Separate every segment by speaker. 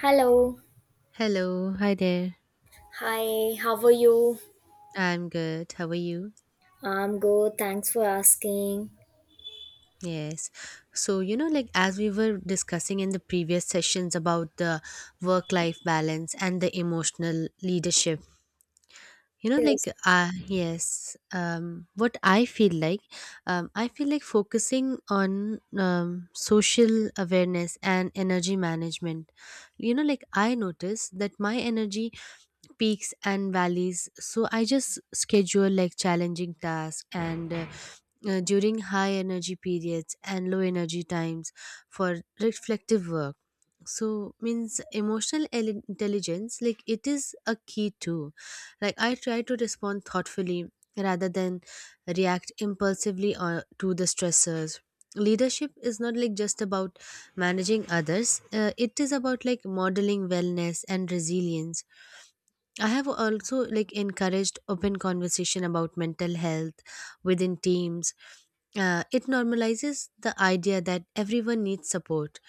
Speaker 1: Hello.
Speaker 2: Hello, hi there.
Speaker 1: Hi, how are you?
Speaker 2: I'm good. How are you?
Speaker 1: I'm good. Thanks for asking.
Speaker 2: Yes. So, you know, like as we were discussing in the previous sessions about the work life balance and the emotional leadership, you know, like,
Speaker 1: Yes.
Speaker 2: what I feel like focusing on social awareness and energy management. You know, like I notice that my energy peaks and valleys, so I just schedule like challenging tasks and during high energy periods and low energy times for reflective work, so means emotional intelligence like it is a key too. Like I try to respond thoughtfully rather than react impulsively or to the stressors. Leadership is not like just about managing others. It is about like modeling wellness and resilience. I have also like encouraged open conversation about mental health within teams. It normalizes the idea that everyone needs support.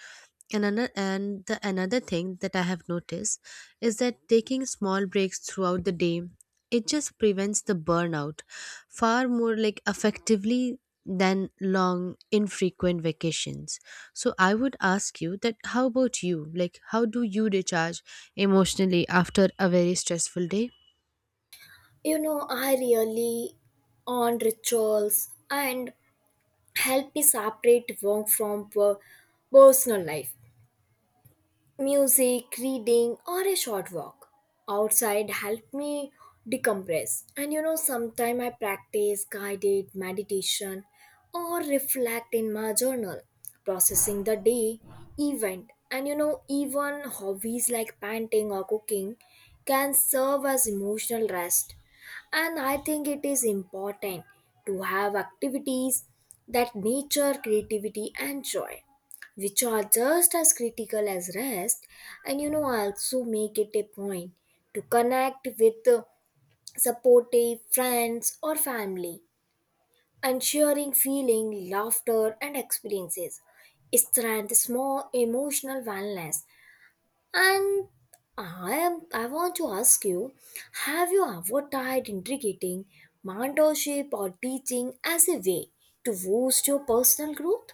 Speaker 2: And the another thing that I have noticed is that taking small breaks throughout the day, it just prevents the burnout far more like effectively than long infrequent vacations. So I would ask you that how about you? Like how do you recharge emotionally after a very stressful day?
Speaker 1: You know, I really on rituals and help me separate work from personal life. Music, reading, or a short walk outside help me decompress. And you know, sometimes I practice guided meditation or reflect in my journal, processing the day, event. And you know, even hobbies like painting or cooking can serve as emotional rest. And I think it is important to have activities that nature, creativity, and joy which are just as critical as rest. And you know, I also make it a point to connect with supportive friends or family and sharing feeling, laughter, and experiences. Strength, small emotional wellness. And I am I want to ask you, have you ever tried integrating mentorship or teaching as a way to boost your personal growth?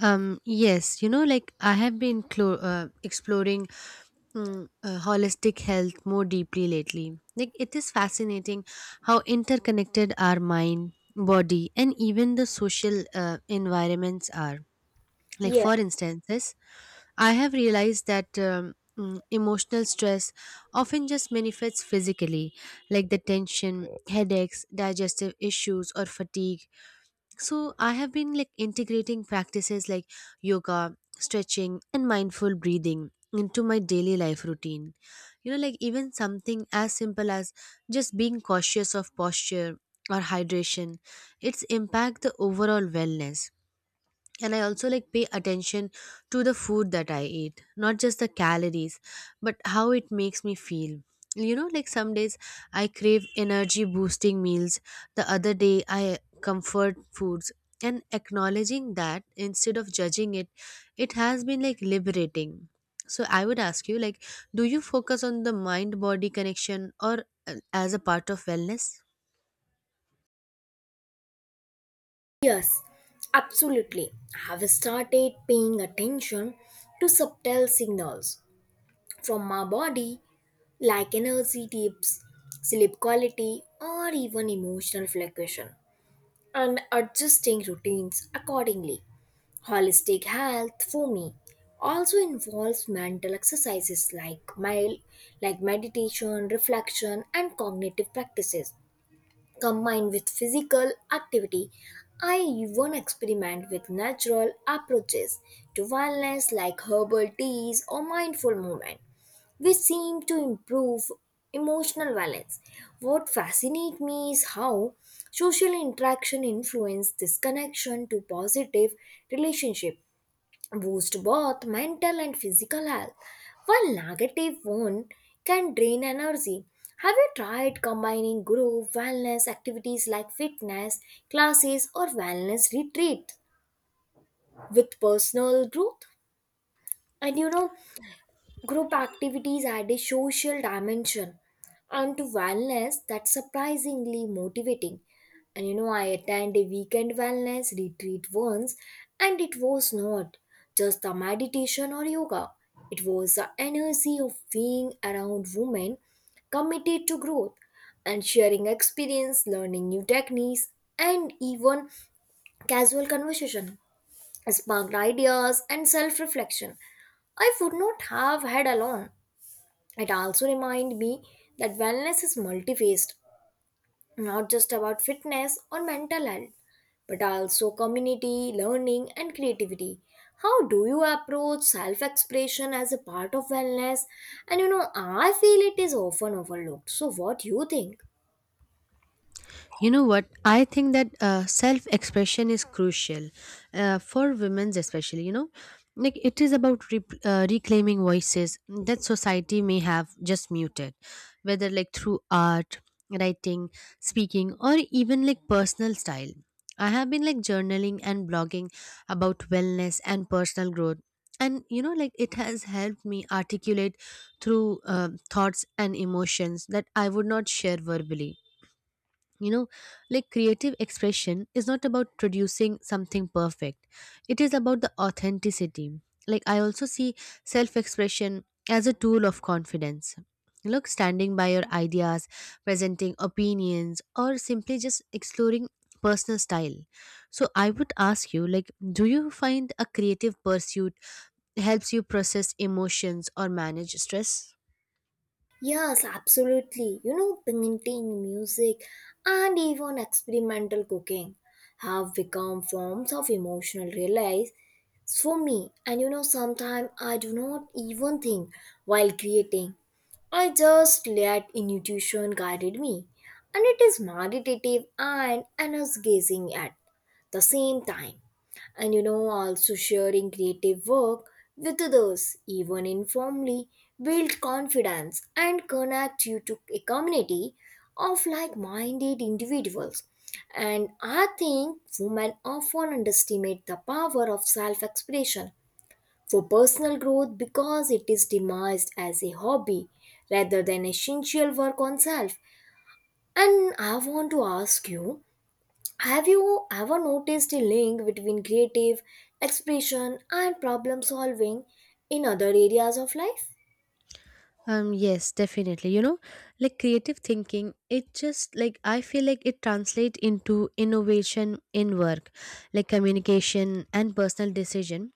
Speaker 2: Yes, you know, like I have been exploring holistic health more deeply lately. Like, it is fascinating how interconnected our mind, body, and even the social environments are. Like, for instances, I have realized that emotional stress often just manifests physically, like the tension, headaches, digestive issues, or fatigue. So I have been like integrating practices like yoga, stretching, and mindful breathing into my daily life routine. You know, like even something as simple as just being cautious of posture or hydration, its impact the overall wellness. And I also like pay attention to the food that I eat, not just the calories but how it makes me feel. You know, like some days I crave energy boosting meals, the other day I comfort foods, and acknowledging that instead of judging it, it has been like liberating. So I would ask you, like, do you focus on the mind body connection or as a part of wellness?
Speaker 1: Yes, absolutely. Have started paying attention to subtle signals from my body like energy dips, sleep quality, or even emotional fluctuation, and adjusting routines accordingly. Holistic health for me also involves mental exercises like meditation, reflection, and cognitive practices combined with physical activity. I even experiment with natural approaches to wellness like herbal teas or mindful movement, which seem to improve emotional balance. What fascinates me is how social interaction influences this connection to positive relationship boost both mental and physical health. While negative one can drain energy. Have you tried combining group wellness activities like fitness classes or wellness retreat with personal growth? And you know, group activities add a social dimension and to wellness that's surprisingly motivating. And you know, I attended a weekend wellness retreat once, and it was not just the meditation or yoga, it was the energy of being around women committed to growth and sharing experience, learning new techniques, and even casual conversation sparked ideas and self reflection. I would not have had alone. It also reminded me that wellness is multifaced, not just about fitness or mental health, but also community, learning, and creativity. How do you approach self expression as a part of wellness? And you know, I feel it is often overlooked. So, what do you think?
Speaker 2: You know what? I think that self expression is crucial for women, especially. You know, like it is about reclaiming voices that society may have just muted, whether like through art, writing, speaking, or even like personal style. I have been like journaling and blogging about wellness and personal growth. And you know, like it has helped me articulate through thoughts and emotions that I would not share verbally. You know, like creative expression is not about producing something perfect, it is about the authenticity. Like I also see self expression as a tool of confidence, look standing by your ideas, presenting opinions, or simply just exploring personal style. So I would ask you, like, do you find a creative pursuit helps you process emotions or manage stress?
Speaker 1: Yes, absolutely. You know, painting, music, and even experimental cooking have become forms of emotional release for me. And you know, sometimes I do not even think while creating. I just let intuition guided me, and it is meditative and energizing at the same time. And you know, also sharing creative work with others even informally build confidence and connect you to a community of like-minded individuals. And I think women often underestimate the power of self-expression for personal growth because it is demised as a hobby rather than essential work on self. And I want to ask you, have you ever noticed a link between creative expression and problem solving in other areas of life?
Speaker 2: Yes, definitely. You know, like creative thinking, it just like I feel like it translates into innovation in work, like communication and personal decision.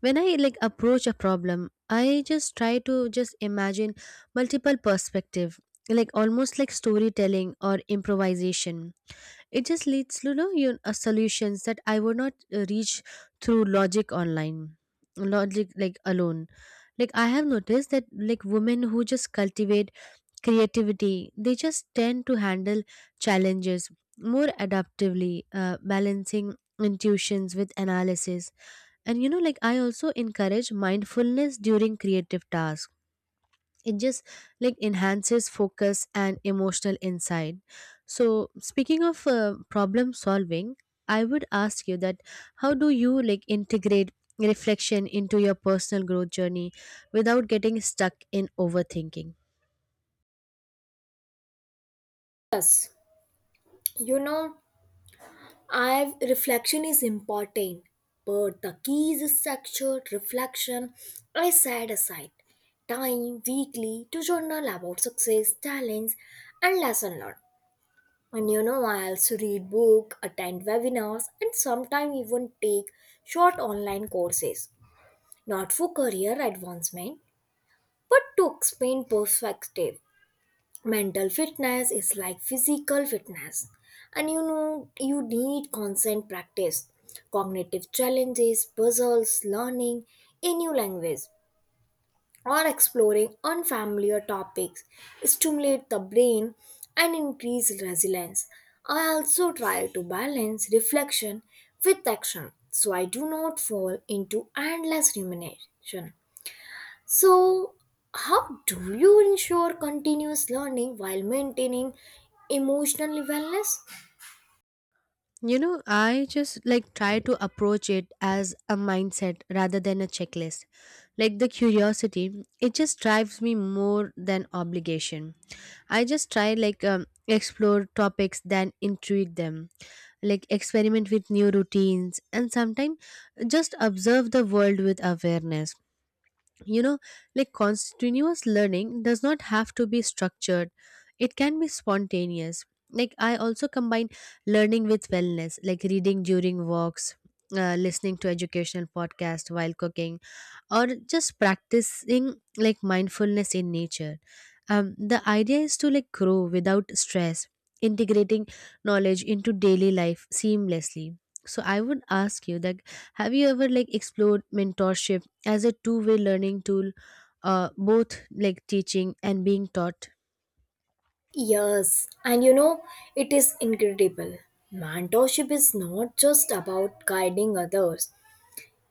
Speaker 2: When I like approach a problem, I just try to just imagine multiple perspective, like almost like storytelling or improvisation. It just leads to, you know, you solutions that I would not reach through logic online, logic like alone. Like I have noticed that like women who just cultivate creativity, they just tend to handle challenges more adaptively, balancing intuitions with analysis. And you know, like I also encourage mindfulness during creative tasks. It just like enhances focus and emotional insight. So, speaking of problem solving, I would ask you that how do you like integrate reflection into your personal growth journey without getting stuck in overthinking?
Speaker 1: Yes, you know, I reflection is important, but the key is structured reflection. I set aside time weekly to journal about success, talents, and lesson learned. And you know, I also read book, attend webinars, and sometimes even take short online courses. Not for career advancement, but to explain perspective, mental fitness is like physical fitness. And you know, you need constant practice, cognitive challenges, puzzles, learning a new language, or exploring unfamiliar topics stimulate the brain and increase resilience. I also try to balance reflection with action so I do not fall into endless rumination. So, how do you ensure continuous learning while maintaining emotional wellness?
Speaker 2: You know, I just like try to approach it as a mindset rather than a checklist. Like the curiosity, it just drives me more than obligation. I just try like explore topics then intuit them, like experiment with new routines, and sometimes just observe the world with awareness. You know, like continuous learning does not have to be structured, it can be spontaneous. Like I also combine learning with wellness, like reading during walks, listening to educational podcast while cooking, or just practicing like mindfulness in nature. The idea is to like grow without stress, integrating knowledge into daily life seamlessly. So I would ask you that, have you ever like explored mentorship as a two-way learning tool, both like teaching and being taught?
Speaker 1: Yes, and you know, it is incredible. Mentorship is not just about guiding others,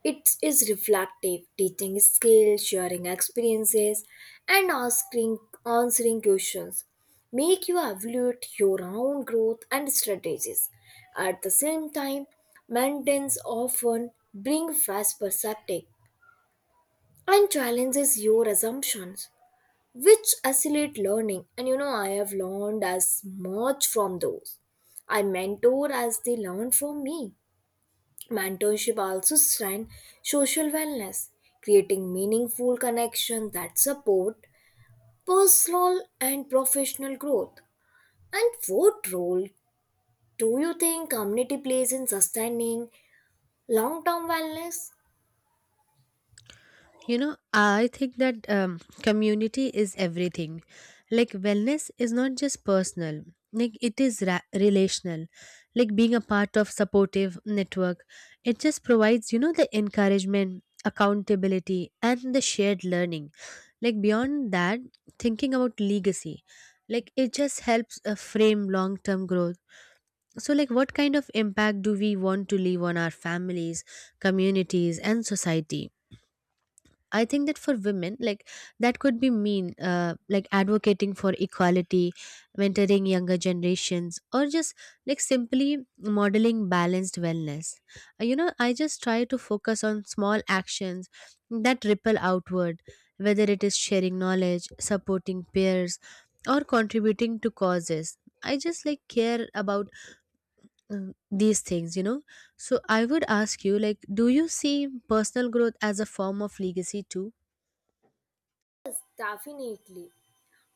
Speaker 1: it is reflective, teaching skills, sharing experiences, and asking answering questions. Make you evaluate your own growth and strategies. At the same time, maintenance often bring fresh perspective and challenges your assumptions, which accelerate learning. And you know, I have learned as much from those I mentor as they learn from me. Mentorship also strengthens social wellness, creating meaningful connections that support personal and professional growth. And what role do you think community plays in sustaining long-term wellness?
Speaker 2: You know, I think that community is everything. Like wellness is not just personal, like it is relational. Like being a part of supportive network, it just provides, you know, the encouragement, accountability, and the shared learning. Like beyond that, thinking about legacy, like it just helps frame long term growth. So, like, what kind of impact do we want to leave on our families, communities, and society? I think that for women, like, that could be mean, like, advocating for equality, mentoring younger generations, or just like simply modeling balanced wellness. You know, I just try to focus on small actions that ripple outward, whether it is sharing knowledge, supporting peers, or contributing to causes. I just like care about um, these things, you know. So I would ask you, like, do you see personal growth as a form of legacy too?
Speaker 1: Yes, definitely.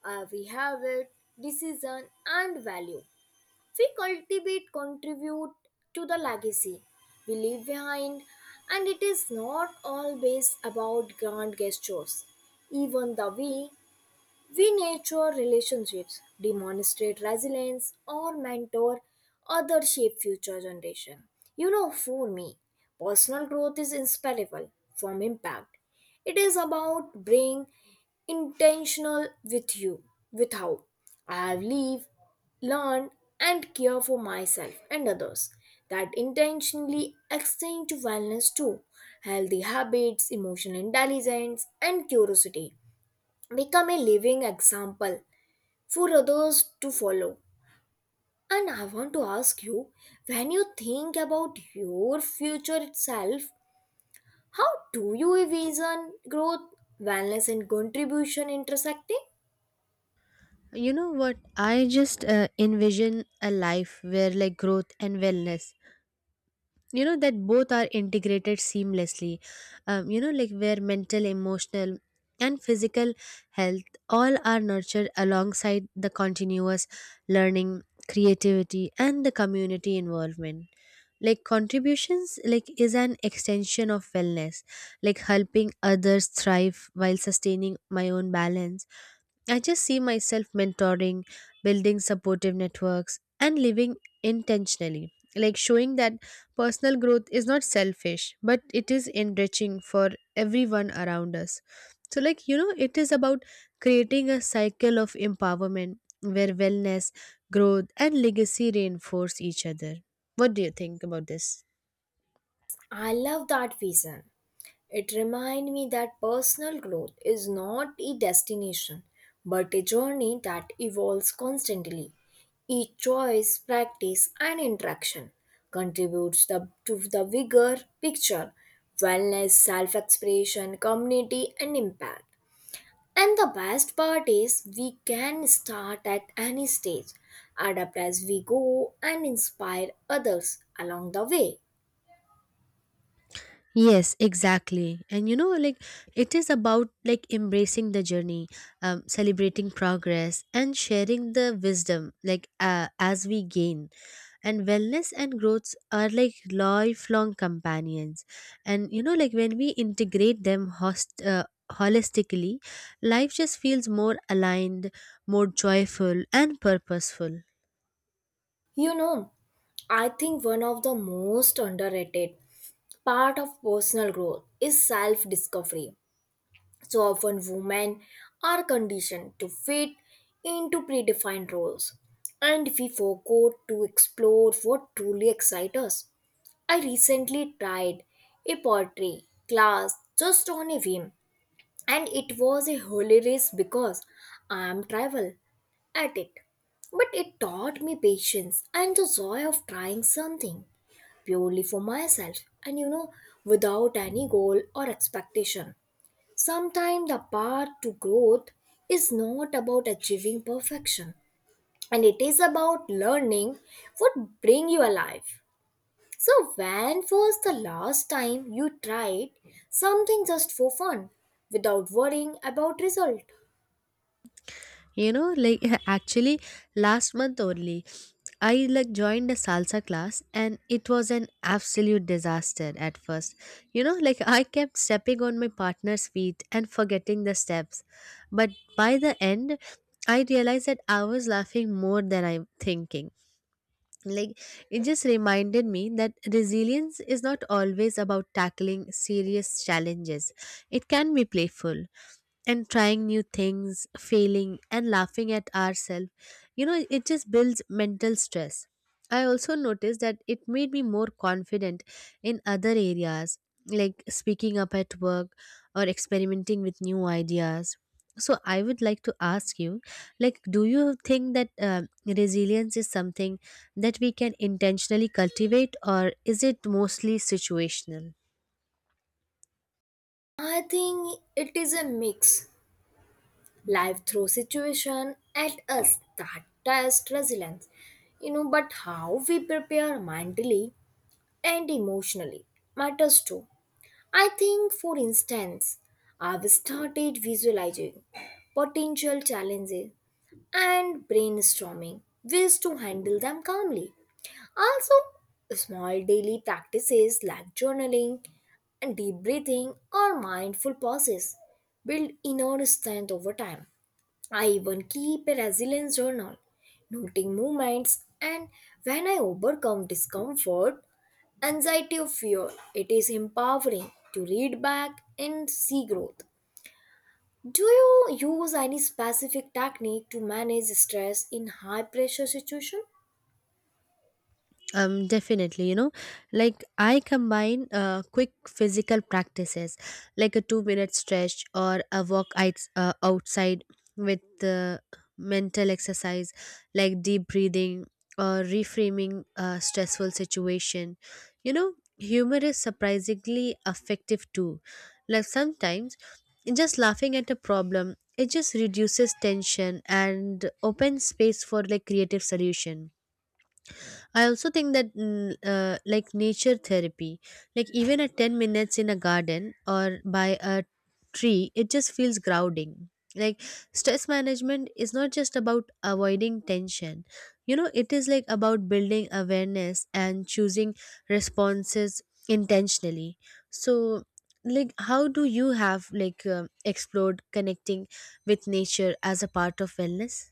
Speaker 1: We have it, decision and value. We cultivate contribute to the legacy we leave behind and it is not always about grand gestures even the way we nurture relationships, demonstrate resilience, or mentor other shape future generation. You know, for me, personal growth is inseparable from impact. It is about being intentional with you, with how I have lived, learned, and care for myself and others. That intentionally extend to wellness too, healthy habits, emotional intelligence, and curiosity become a living example for others to follow. And I want to ask you, when you think about your future itself, how do you envision growth, wellness, and contribution intersecting?
Speaker 2: You know what, I just envision a life where like growth and wellness, you know, that both are integrated seamlessly. You know, like where mental, emotional, and physical health all are nurtured alongside the continuous learning, creativity, and the community involvement. Like contributions like is an extension of wellness, like helping others thrive while sustaining my own balance. I just see myself mentoring, building supportive networks, and living intentionally. Like showing that personal growth is not selfish, but it is enriching for everyone around us. So, like, you know, it is about creating a cycle of empowerment where wellness, growth, and legacy reinforce each other. What do you think about this?
Speaker 1: I love that vision. It reminds me that personal growth is not a destination, but a journey that evolves constantly. Each choice, practice, and interaction contributes to the bigger picture wellness, self expression, community, and impact. And the best part is we can start at any stage, adapt as we go, and inspire others along the way.
Speaker 2: Yes, exactly. And you know, like it is about like embracing the journey, celebrating progress, and sharing the wisdom like as we gain. And wellness and growth are like lifelong companions. And you know, like when we integrate them host. Holistically life just feels more aligned, more joyful and purposeful.
Speaker 1: You know, I think one of the most underrated part of personal growth is self-discovery. So often women are conditioned to fit into predefined roles and we forgo to explore what truly excites us. I recently tried a pottery class just on a whim and it was a holy race because I am tribal at it. But it taught me patience and the joy of trying something purely for myself and you know without any goal or expectation. Sometimes the path to growth is not about achieving perfection and it is about learning what bring you alive. So, when was the last time you tried something just for fun without worrying about result?
Speaker 2: You know, like actually last month only, I like joined a salsa class and it was an absolute disaster at first. You know, like I kept stepping on my partner's feet and forgetting the steps. But by the end, I realized that I was laughing more than I'm thinking. Like it just reminded me that resilience is not always about tackling serious challenges. It can be playful, and trying new things, failing, and laughing at ourselves, you know, it just builds mental stress. I also noticed that it made me more confident in other areas, like speaking up at work or experimenting with new ideas. So I would like to ask you, like, do you think that resilience is something that we can intentionally cultivate, or is it mostly situational?
Speaker 1: I think it is a mix. Life throws situation at us that test resilience. You know, but how we prepare mentally and emotionally matters too. I think, for instance, I've started visualizing potential challenges and brainstorming ways to handle them calmly. Also, small daily practices like journaling and deep breathing or mindful pauses build inner strength over time. I even keep a resilience journal, noting movements and when I overcome discomfort, anxiety, or fear. It is empowering to read back and see growth. Do you use any specific technique to manage stress in high pressure situation?
Speaker 2: Definitely, you know, like I combine quick physical practices like a 2 minute stretch or a walk outside, with the mental exercise like deep breathing or reframing a stressful situation. You know, humor is surprisingly effective too. Like sometimes just laughing at a problem, it just reduces tension and opens space for like creative solution. I also think that like nature therapy, like even at 10 minutes in a garden or by a tree, it just feels grounding. Like stress management is not just about avoiding tension. You know, it is like about building awareness and choosing responses intentionally. So, like how do you have like explored connecting with nature as a part of wellness?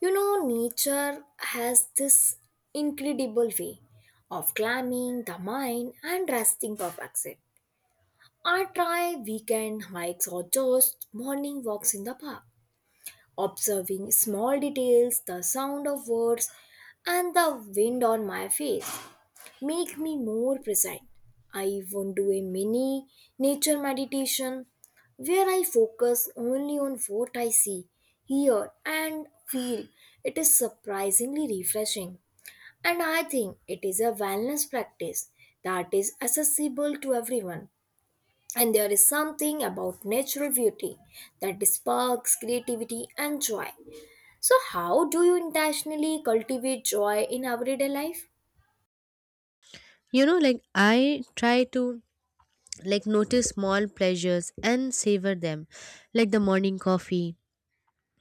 Speaker 1: You know, nature has this incredible way of calming the mind and resting perfection. I try weekend hikes or just morning walks in the park, observing small details, the sound of words, and the wind on my face make me more present. I want to do a mini nature meditation where I focus only on what I see, hear, and feel. It is surprisingly refreshing. And I think it is a wellness practice that is accessible to everyone. And there is something about natural beauty that sparks creativity and joy. So, how do you intentionally cultivate joy in everyday life?
Speaker 2: You know, like I try to like notice small pleasures and savor them, like the morning coffee,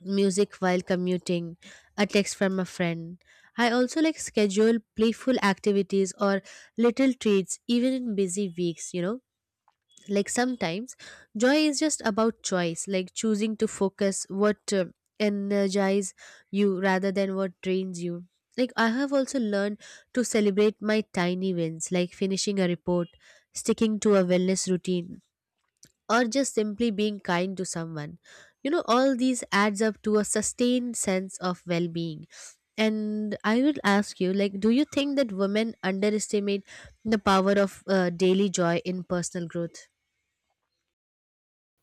Speaker 2: music while commuting, a text from a friend. I also like schedule playful activities or little treats even in busy weeks. You know, like sometimes joy is just about choice, like choosing to focus what energize you rather than what drains you. Like I have also learned to celebrate my tiny wins, like finishing a report, sticking to a wellness routine, or just simply being kind to someone. You know, all these adds up to a sustained sense of well being. And I will ask you, like, do you think that women underestimate the power of daily joy in personal growth?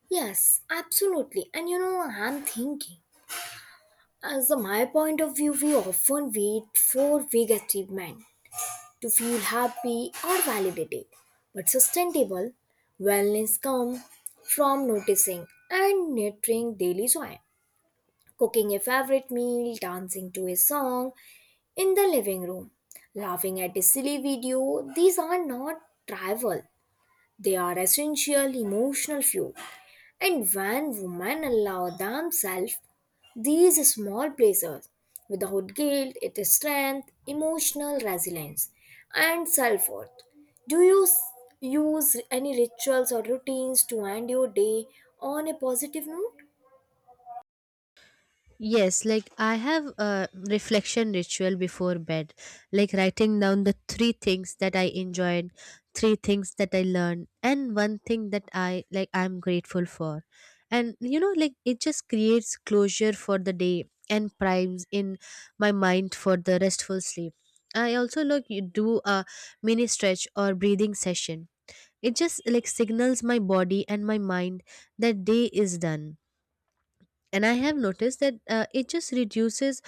Speaker 1: Yes, absolutely. And you know, I'm thinking, as a my point of view, we often wait for big achievement to feel happy or validated. But sustainable wellness comes from noticing and nurturing daily joy. Cooking a favorite meal, dancing to a song in the living room, laughing at a silly video, these are not trivial. They are essential emotional fuel. And when women allow themselves these small pleasures without guilt, it is strength, emotional resilience, and self worth. Do you s- Use any rituals or routines to end your day on a positive note?
Speaker 2: Yes, like I have a reflection ritual before bed, like writing down the three things that I enjoyed, three things that I learned, and one thing that I like I'm grateful for. And you know, like it just creates closure for the day and primes in my mind for the restful sleep. I also like you do a mini stretch or breathing session. It just like signals my body and my mind that day is done, and I have noticed that it just reduces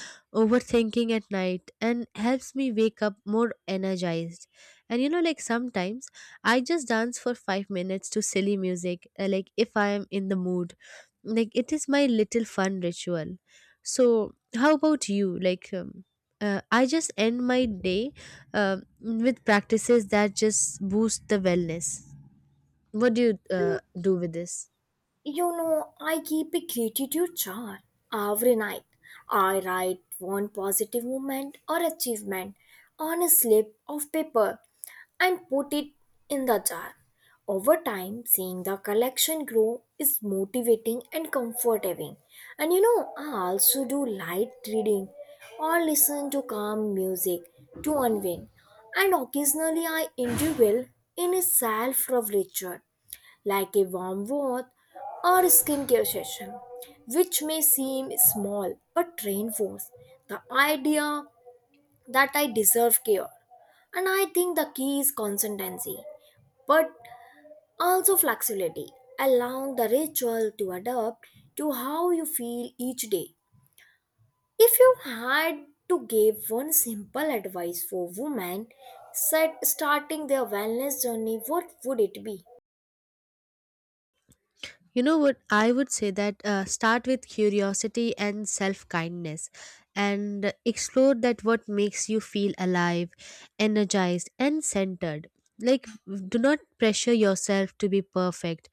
Speaker 2: overthinking at night and helps me wake up more energized. And you know, like sometimes I just dance for 5 minutes to silly music, like if I am in the mood, like it is my little fun ritual. So how about you? Like I just end my day um with practices that just boost the wellness. What do you uh, do with this?
Speaker 1: You know, I keep a gratitude jar every night. I write one positive moment or achievement on a slip of paper and put it in the jar. Over time, seeing the collection grow is motivating and comforting. And you know, I also do light reading or listen to calm music to unwind. And occasionally, I indulge in a self-love ritual like a warm bath or a skincare session, which may seem small but reinforce the idea that I deserve care. And I think the key is consistency, but also flexibility, allowing the ritual to adapt to how you feel each day. If you had to give one simple advice for women set starting their wellness journey, what would it be?
Speaker 2: You know what? I would say that start with curiosity and self kindness, and explore that what makes you feel alive, energized, and centered. Like, do not pressure yourself to be perfect,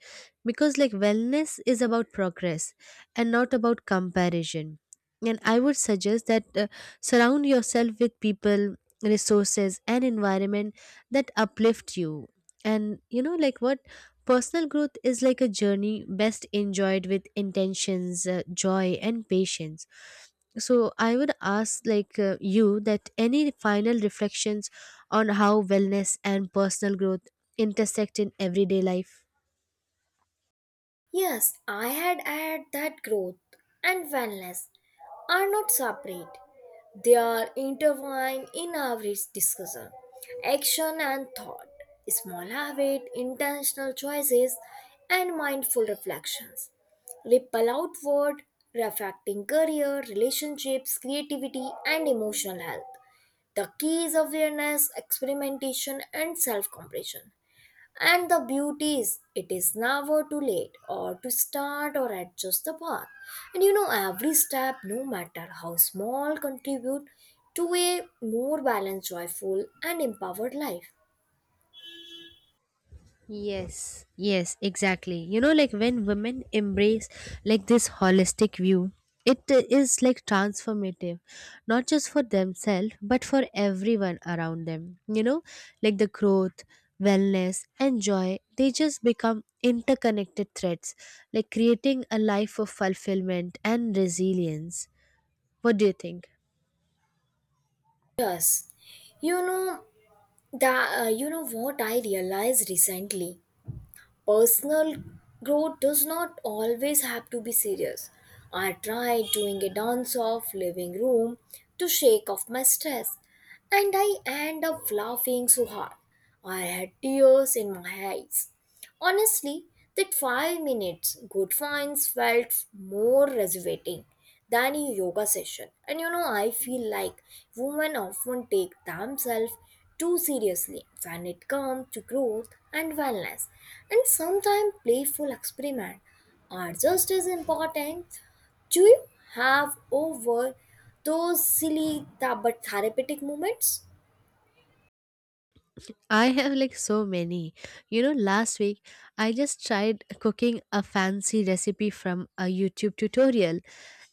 Speaker 2: because, like, wellness is about progress and not about comparison. And I would suggest that surround yourself with people, resources, and environment that uplift you. And you know, like, what? Personal growth is like a journey best enjoyed with intentions, joy, and patience. So I would ask, like, you, that any final reflections on how wellness and personal growth intersect in everyday life.
Speaker 1: Yes, I had add that growth and wellness are not separate. They are intertwined in our discussion, action and thought, small habit, intentional choices, and mindful reflections. Ripple outward, reflecting career, relationships, creativity, and emotional health. The key is awareness, experimentation, and self compassion and the beauty is, it is never too late or to start or adjust the path. And you know, every step, no matter how small, contribute to a more balanced, joyful, and empowered life.
Speaker 2: Yes, yes, exactly. You know, like when women embrace like this holistic view, it is like transformative, not just for themselves, but for everyone around them. You know, like the growth, wellness, and joy, they just become interconnected threads, like creating a life of fulfillment and resilience. What do you think?
Speaker 1: Yes, you know that. You know what I realized recently. Personal growth does not always have to be serious. I tried doing a dance off living room to shake off my stress, and I end up laughing so hard. I had tears in my eyes. Honestly, that 5 minutes good finds felt more rejuvenating than a yoga session. And you know, I feel like women often take themselves too seriously when it comes to growth and wellness. And sometimes playful experiments are just as important. Do you have over those but therapeutic moments?
Speaker 2: I have like so many. You know, last week I just tried cooking a fancy recipe from a YouTube tutorial,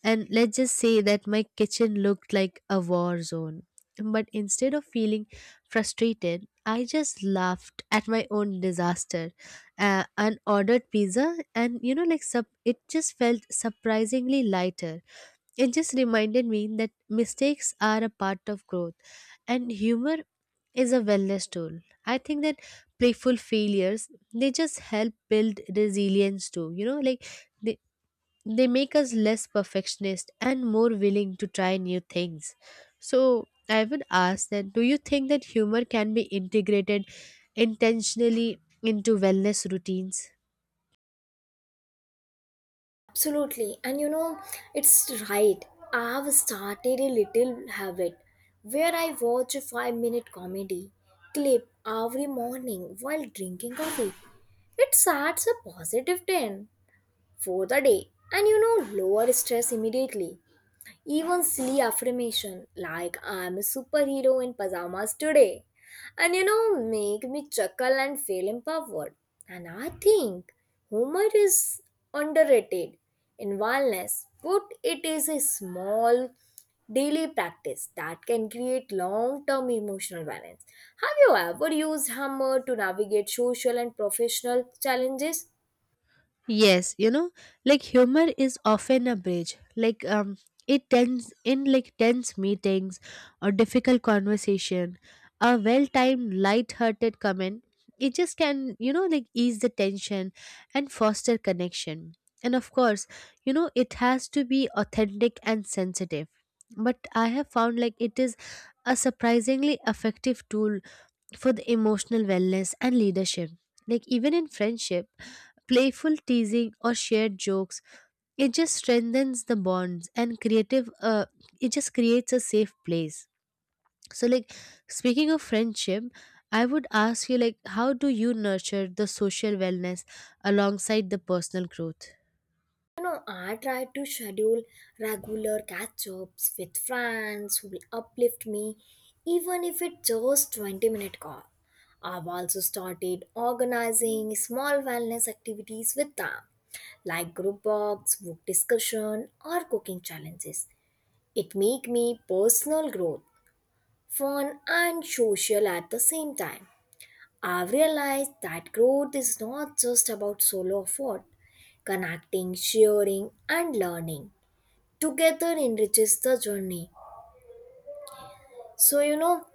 Speaker 2: and let's just say that my kitchen looked like a war zone. But instead of feeling frustrated, I just laughed at my own disaster, and ordered pizza, and you know, like sub. It just felt surprisingly lighter. It just reminded me that mistakes are a part of growth and humor is a wellness tool. I think that playful failures, they just help build resilience too. You know, like they they make us less perfectionist and more willing to try new things. So I would ask that do you think that humor can be integrated intentionally into wellness routines?
Speaker 1: Absolutely. And you know, it's right. I have started a little habit where I watch a 5 minute comedy clip every morning while drinking coffee. It starts a positive 10 for the day and you know, lower stress immediately. Even silly affirmation like I'm a superhero in pajamas today and you know make me chuckle and feel empowered. And I think humor is underrated in wellness, but it is a small daily practice that can create long-term emotional balance. Have you ever used humor to navigate social and professional challenges?
Speaker 2: Yes, you know, like humor is often a bridge. Like it tends in like tense meetings or difficult conversation, a well-timed light-hearted comment, it just can, you know, like ease the tension and foster connection. And of course, you know, it has to be authentic and sensitive. But I have found, like, it is a surprisingly effective tool for the emotional wellness and leadership. Like even in friendship, playful teasing or shared jokes, it just strengthens the bonds and creative, it just creates a safe place. So, like, speaking of friendship, I would ask you, like, how do you nurture the social wellness alongside the personal growth?
Speaker 1: You know, I try to schedule regular catch ups with friends who will uplift me, even if it's just 20-minute call. I've also started organizing small wellness activities with them, like group walks, book discussion, or cooking challenges. It make me personal growth, fun and social at the same time. I've realized that growth is not just about solo effort, connecting, sharing, and learning together enriches the journey. So, you know,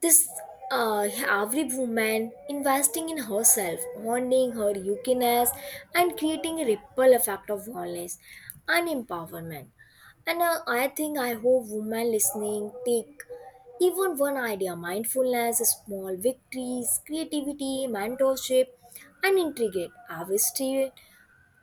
Speaker 1: this uh, every woman investing in herself, honing her uniqueness, and creating a ripple effect of wellness and empowerment. And I think I hope women listening take even one idea mindfulness, small victories, creativity, mentorship, and integrate every step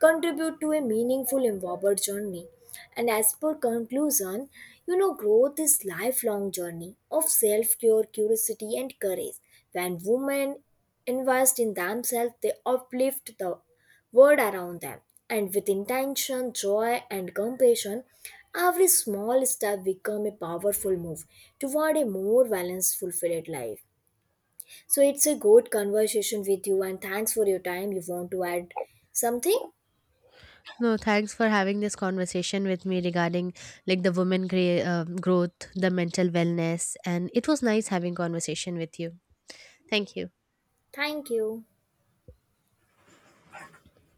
Speaker 1: contribute to a meaningful inward journey. And as per conclusion, you know, growth is lifelong journey of self-care, curiosity, and courage. When women invest in themselves, they uplift the world around them. And with intention, joy, and compassion, every small step becomes a powerful move toward a more balanced, fulfilled life. So it's a good conversation with you, and thanks for your time. You want to add something?
Speaker 2: No, thanks for having this conversation with me regarding like the growth, the mental wellness, and it was nice having conversation with you. Thank you.
Speaker 1: Thank you.